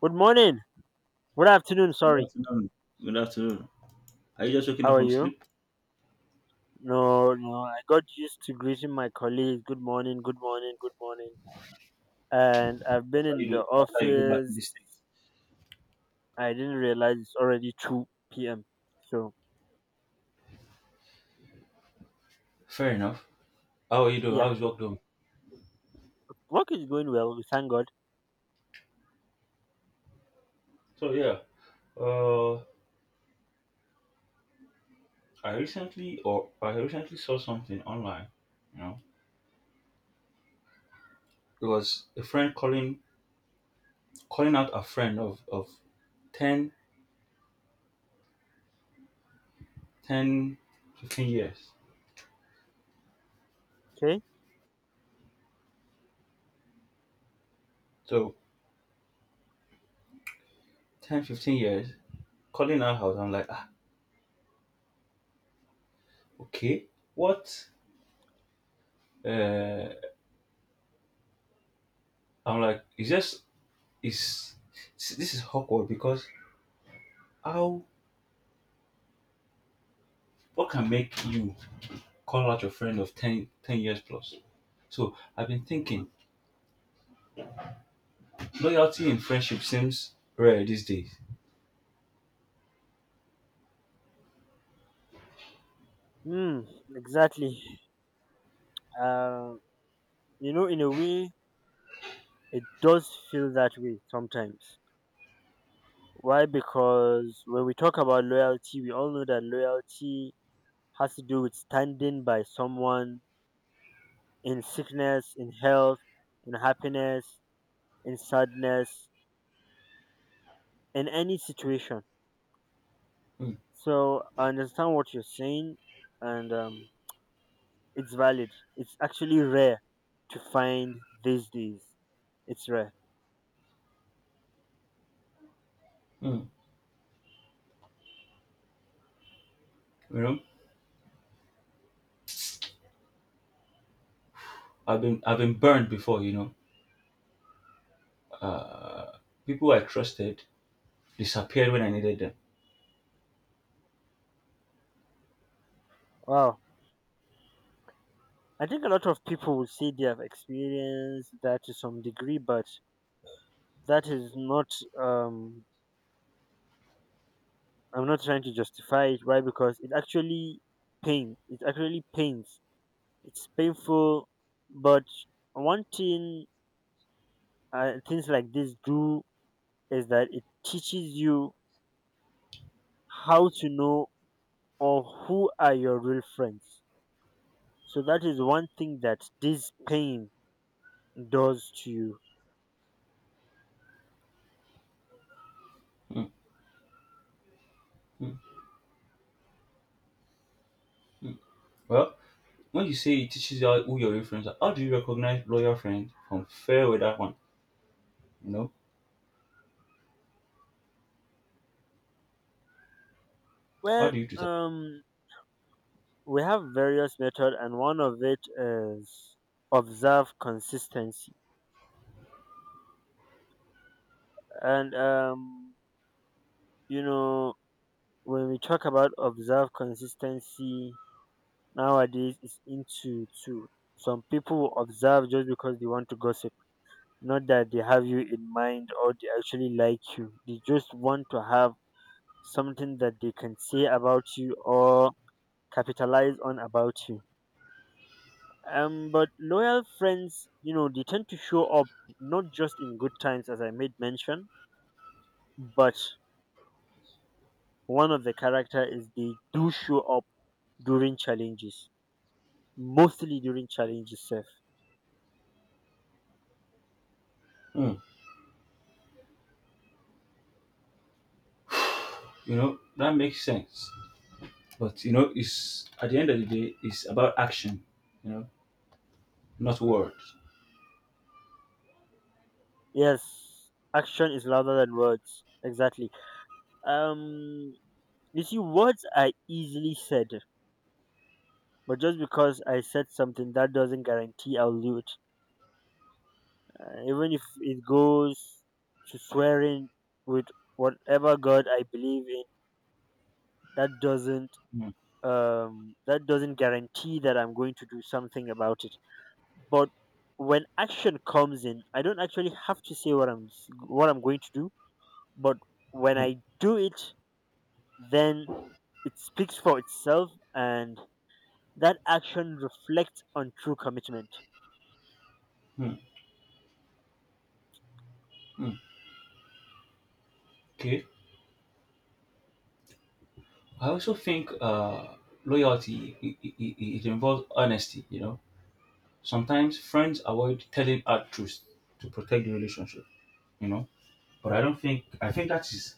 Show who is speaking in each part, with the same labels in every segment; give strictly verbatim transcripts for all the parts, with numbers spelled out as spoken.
Speaker 1: Good morning. Good afternoon.
Speaker 2: Good
Speaker 1: Sorry.
Speaker 2: afternoon. Good afternoon. Are you just waking
Speaker 1: How
Speaker 2: up
Speaker 1: are
Speaker 2: from
Speaker 1: you?
Speaker 2: sleep?
Speaker 1: No, no. I got used to greeting my colleagues. Good morning. Good morning. Good morning. And I've been
Speaker 2: That's how you
Speaker 1: in the
Speaker 2: do. That's how you do back in the
Speaker 1: office.
Speaker 2: States.
Speaker 1: I didn't realize it's already two p m. So, yeah. Work is going well. We thank God.
Speaker 2: So yeah, uh, I recently or I recently saw something online. You know, it was a friend calling calling out a friend of of ten, ten, fifteen years.
Speaker 1: Okay.
Speaker 2: So ten, fifteen years calling her house. I'm like, ah, okay, what? Uh, I'm like, it's just it's this is awkward because how what can make you call out your friend of ten, ten years plus. So I've been thinking, loyalty in friendship seems rare these days.
Speaker 1: Hmm. Exactly. Uh, you know, in a way, it does feel that way sometimes. Why? Because when we talk about loyalty, we all know that loyalty has to do with standing by someone in sickness, in health, in happiness, in sadness, in any situation.
Speaker 2: Mm,
Speaker 1: So I understand what you're saying, and um, it's valid. It's actually rare to find these days. It's rare.
Speaker 2: mm, you know, I've been I've been burned before. You know, people I trusted disappeared when I needed them.
Speaker 1: Wow. I think a lot of people will say they have experienced that to some degree, but that is not. Um, I'm not trying to justify it. Why? Because it actually pain. It actually pains. It's painful, but one thing uh, things like this do is that it teaches you how to know or who are your real friends. So that is one thing that this pain does to you.
Speaker 2: Mm, mm, mm. Well, when you say it teaches you how- who your real friends are, how do you recognize loyal friends from fair weather one? You know, how
Speaker 1: Well,
Speaker 2: do you do that?
Speaker 1: um, we have various method, and one of it is observe consistency. And um, you know, when we talk about observe consistency nowadays, it's into two. Some people observe just because they want to gossip. Not that they have you in mind or they actually like you. They just want to have something that they can say about you or capitalize on about you. Um, but loyal friends, you know, they tend to show up not just in good times, as I made mention, but one of the character is they do show up during challenges, mostly during challenges. Seth.
Speaker 2: Mm. You know, that makes sense. But you know, it's at the end of the day, it's about action. You know, not words.
Speaker 1: Yes, action is louder than words. Exactly. Um, you see, words are easily said, but just because I said something, that doesn't guarantee I'll do it. Uh, even if it goes to swearing with whatever God I believe in, that doesn't
Speaker 2: Mm,
Speaker 1: um that doesn't guarantee that I'm going to do something about it. But when action comes in, I don't actually have to say what I'm s- what I'm going to do. But when I
Speaker 2: mm,
Speaker 1: do it, then it speaks for itself, and that action reflects on true commitment.
Speaker 2: mm, mm. Okay. I also think uh, loyalty it, it, it involves honesty. You know, sometimes friends avoid telling hard truths to protect the relationship. You know, but I don't think I think that is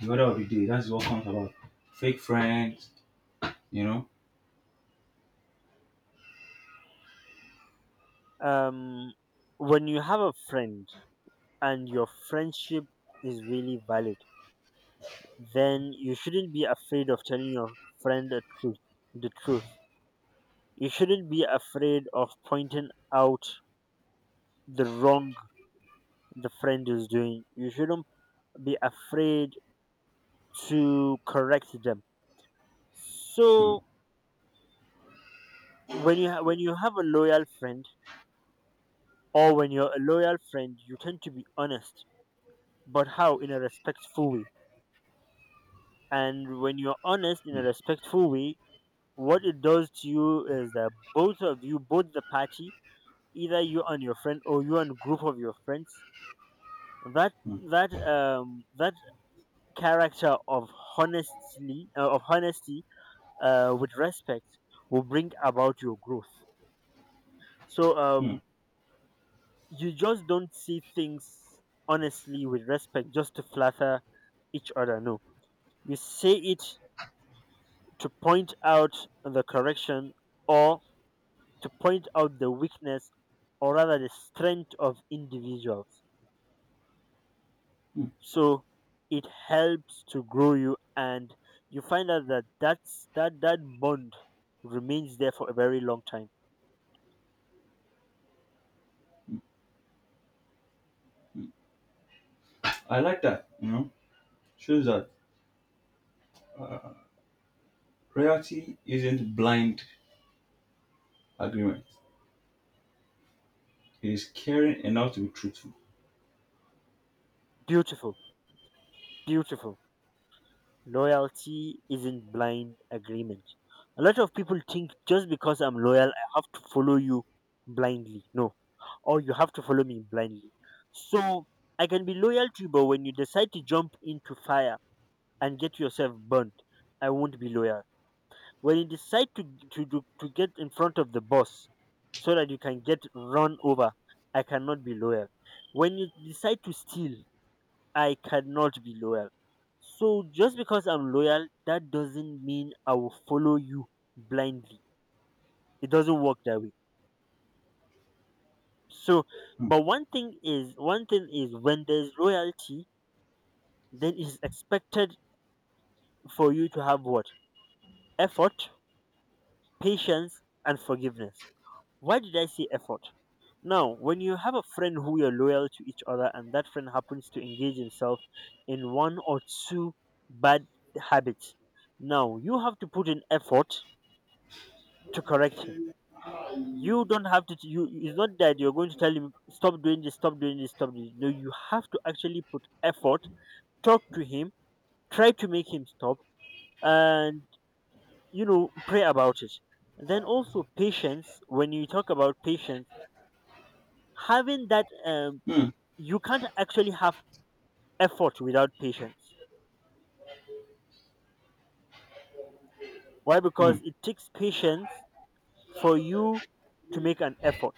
Speaker 2: the order of the day. That's what comes about. Fake friends. You know.
Speaker 1: Um, when you have a friend and your friendship is really valid, then you shouldn't be afraid of telling your friend the truth. The truth, you shouldn't be afraid of pointing out the wrong the friend is doing. You shouldn't be afraid to correct them.
Speaker 2: Mm,
Speaker 1: So when you ha- when you have a loyal friend or when you're a loyal friend, you tend to be honest, but how? In a respectful way. And when you're honest in a
Speaker 2: mm,
Speaker 1: respectful way, what it does to you is that both of you, both the party, either you and your friend or you and group of your friends, that that um that character of honestly uh, of honesty uh, with respect will bring about your growth. So um,
Speaker 2: mm,
Speaker 1: you just don't see things honestly with respect just to flatter each other. No, you say it to point out the correction or to point out the weakness or rather the strength of individuals.
Speaker 2: mm.
Speaker 1: So it helps to grow you, and you find out that that's, that that bond remains there for a very long time.
Speaker 2: I like that. You know, shows that loyalty isn't blind agreement. It is caring enough to be truthful.
Speaker 1: Beautiful, beautiful. Loyalty isn't blind agreement. A lot of people think just because I'm loyal, I have to follow you blindly. No, or you have to follow me blindly. So I can be loyal to you, but when you decide to jump into fire and get yourself burnt, I won't be loyal. When you decide to to to, to get in front of the boss so that you can get run over, I cannot be loyal. When you decide to steal, I cannot be loyal. So just because I'm loyal, that doesn't mean I will follow you blindly. It doesn't work that way. So,
Speaker 2: Mm,
Speaker 1: but one thing is, one thing is when there's loyalty, then it's expected for you to have what? Effort, patience, and forgiveness. Why did I say effort? Now, when you have a friend who you're loyal to each other and that friend happens to engage himself in one or two bad habits, now you have to put in effort to correct him. You don't have to, you, it's not that you're going to tell him, stop doing this, stop doing this, stop doing this. No, you have to actually put effort, talk to him, try to make him stop, and, you know, pray about it. Then also patience, when you talk about patience, having that uh,
Speaker 2: mm,
Speaker 1: you can't actually have effort without patience. Why?
Speaker 2: mm,
Speaker 1: Because it takes patience for you to make an effort.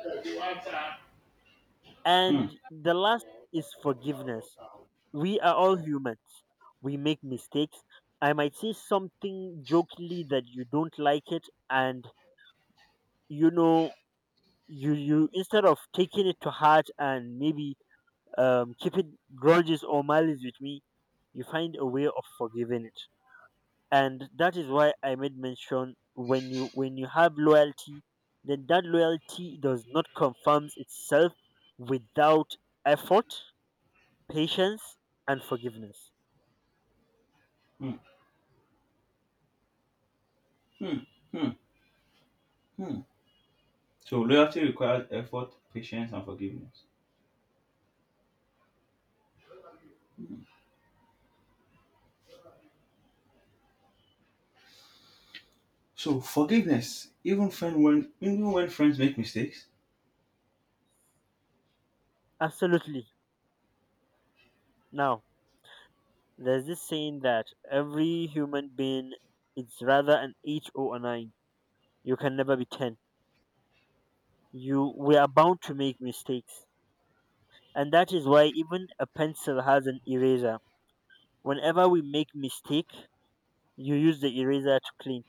Speaker 2: mm, mm,
Speaker 1: And the last is forgiveness. We are all humans. We make mistakes. I might say something jokingly that you don't like it, and you know, you you instead of taking it to heart and maybe um keeping grudges or malice with me, you find a way of forgiving it. And that is why I made mention, when you when you have loyalty, then that loyalty does not confirms itself without effort, patience, and forgiveness.
Speaker 2: mm, mm, mm. So loyalty requires effort, patience, and forgiveness. So forgiveness, even friend when even when friends make mistakes.
Speaker 1: Absolutely. Now, there's this saying that every human being is rather an eight or a nine. You can never be ten. You, we are bound to make mistakes, and that is why even a pencil has an eraser. Whenever we make mistake, you use the eraser to clean.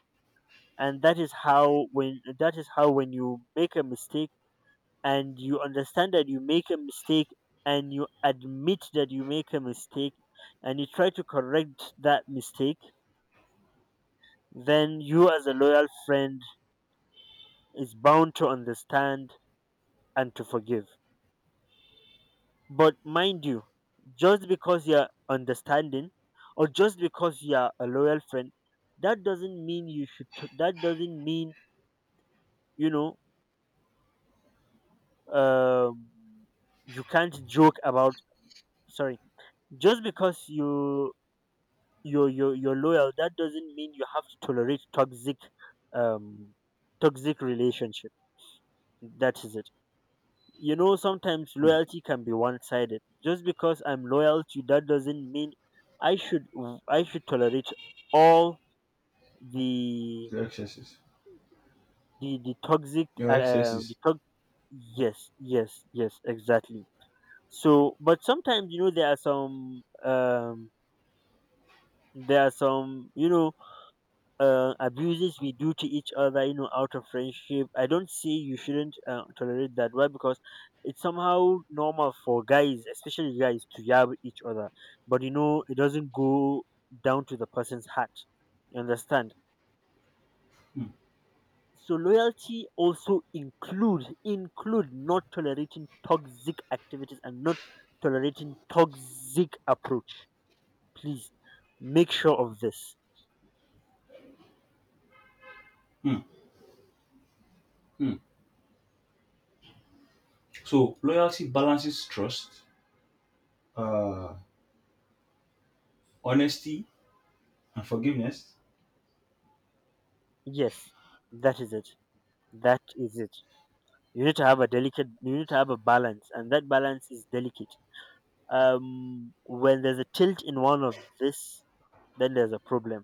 Speaker 1: And that is how when that is how when you make a mistake and you understand that you make a mistake and you admit that you make a mistake and you try to correct that mistake, then you as a loyal friend is bound to understand and to forgive. But mind you, just because you're understanding or just because you're a loyal friend, that doesn't mean you should t- that doesn't mean, you know, um, you can't joke about, sorry, just because you you you you're loyal, that doesn't mean you have to tolerate toxic um, toxic relationship. That is it. You know, sometimes
Speaker 2: Hmm.
Speaker 1: loyalty can be one-sided. Just because I'm loyal to you, that doesn't mean I should, I should tolerate all the
Speaker 2: Your excesses.
Speaker 1: the the toxic
Speaker 2: Your
Speaker 1: uh, uh, the
Speaker 2: excesses.
Speaker 1: to-. Yes, yes, yes, exactly. So but sometimes, you know, there are some um, there are some, you know, uh, abuses we do to each other, you know, out of friendship. I don't say you shouldn't uh, tolerate that. Why? Because it's somehow normal for guys, especially guys, to yab each other. But you know, it doesn't go down to the person's heart. You understand? So loyalty also include include not tolerating toxic activities and not tolerating toxic approach. Please make sure of this.
Speaker 2: Hmm, hmm. So loyalty balances trust, uh, honesty, and forgiveness.
Speaker 1: Yes, that is it. That is it. You need to have a delicate, you need to have a balance, and that balance is delicate. Um, when there's a tilt in one of this, then there's a problem.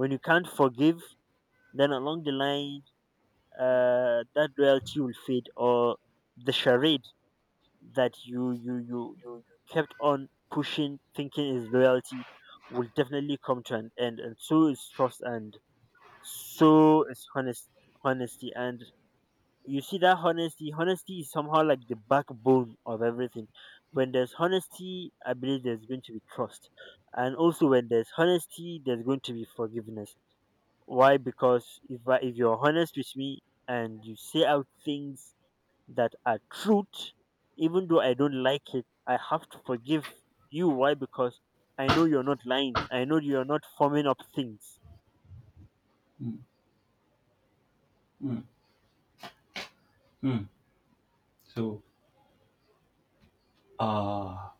Speaker 1: When you can't forgive, then along the line, uh, that loyalty will fade, or the charade that you you you you, kept on pushing thinking is loyalty will definitely come to an end. And so is trust, and so is honest, honesty. And you see that honesty honesty is somehow like the backbone of everything. When there's honesty, I believe there's going to be trust. And also, when there's honesty, there's going to be forgiveness. Why? Because if I, if you're honest with me and you say out things that are truth, even though I don't like it, I have to forgive you. Why? Because I know you're not lying, I know you're not forming up things.
Speaker 2: Hmm, hmm, hmm. So uh,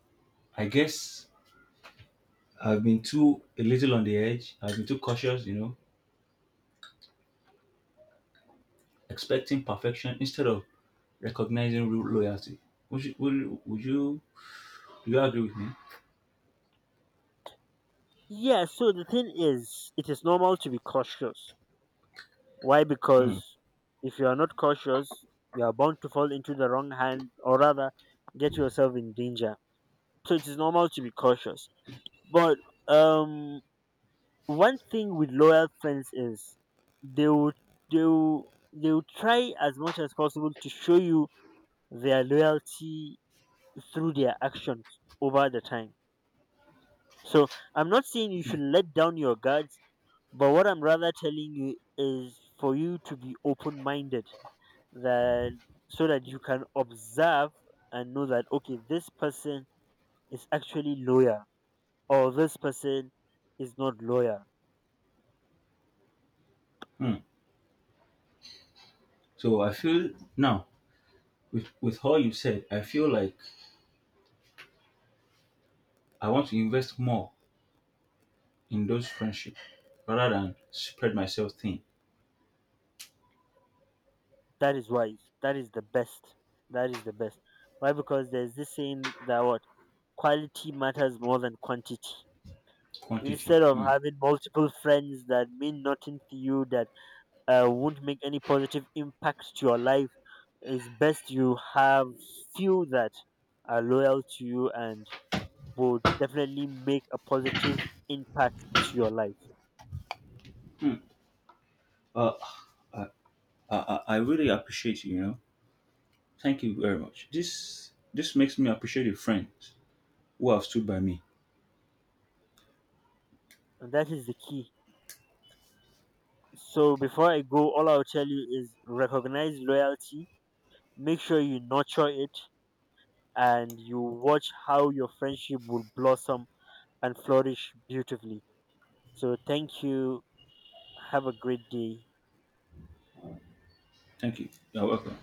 Speaker 2: I guess I've been too a little on the edge. I've been too cautious, you know, expecting perfection instead of recognizing real loyalty. Would you, would, you- would you do you agree with me?
Speaker 1: Yeah, so the thing is, it is normal to be cautious. Why?
Speaker 2: Hmm.
Speaker 1: Because if you are not cautious, you are bound to fall into the wrong hand or rather get yourself in danger. So it is normal to be cautious. But um, one thing with loyal friends is they will they will, they will try as much as possible to show you their loyalty through their actions over the time. So I'm not saying you should let down your guards, but what I'm rather telling you is for you to be open minded, that, so that you can observe and know that, okay, this person is actually loyal or this person is not loyal.
Speaker 2: Hmm. So I feel now, with with all you said, I feel like I want to invest more in those friendships rather than spread myself thin.
Speaker 1: That is wise. That is the best. That is the best. Why? Because there's this saying that what? Quality matters more than quantity.
Speaker 2: Quantity.
Speaker 1: Instead of
Speaker 2: Hmm.
Speaker 1: having multiple friends that mean nothing to you, that uh, won't make any positive impact to your life, it's best you have few that are loyal to you and would definitely make a positive impact to your life.
Speaker 2: Uh, I, I I I really appreciate you. You know, thank you very much. This this makes me appreciate the friends who have stood by me.
Speaker 1: And that is the key. So before I go, all I'll tell you is recognize loyalty, make sure you nurture it, and you watch how your friendship will blossom and flourish beautifully. So thank you. Have a great day.
Speaker 2: Thank you. You're welcome.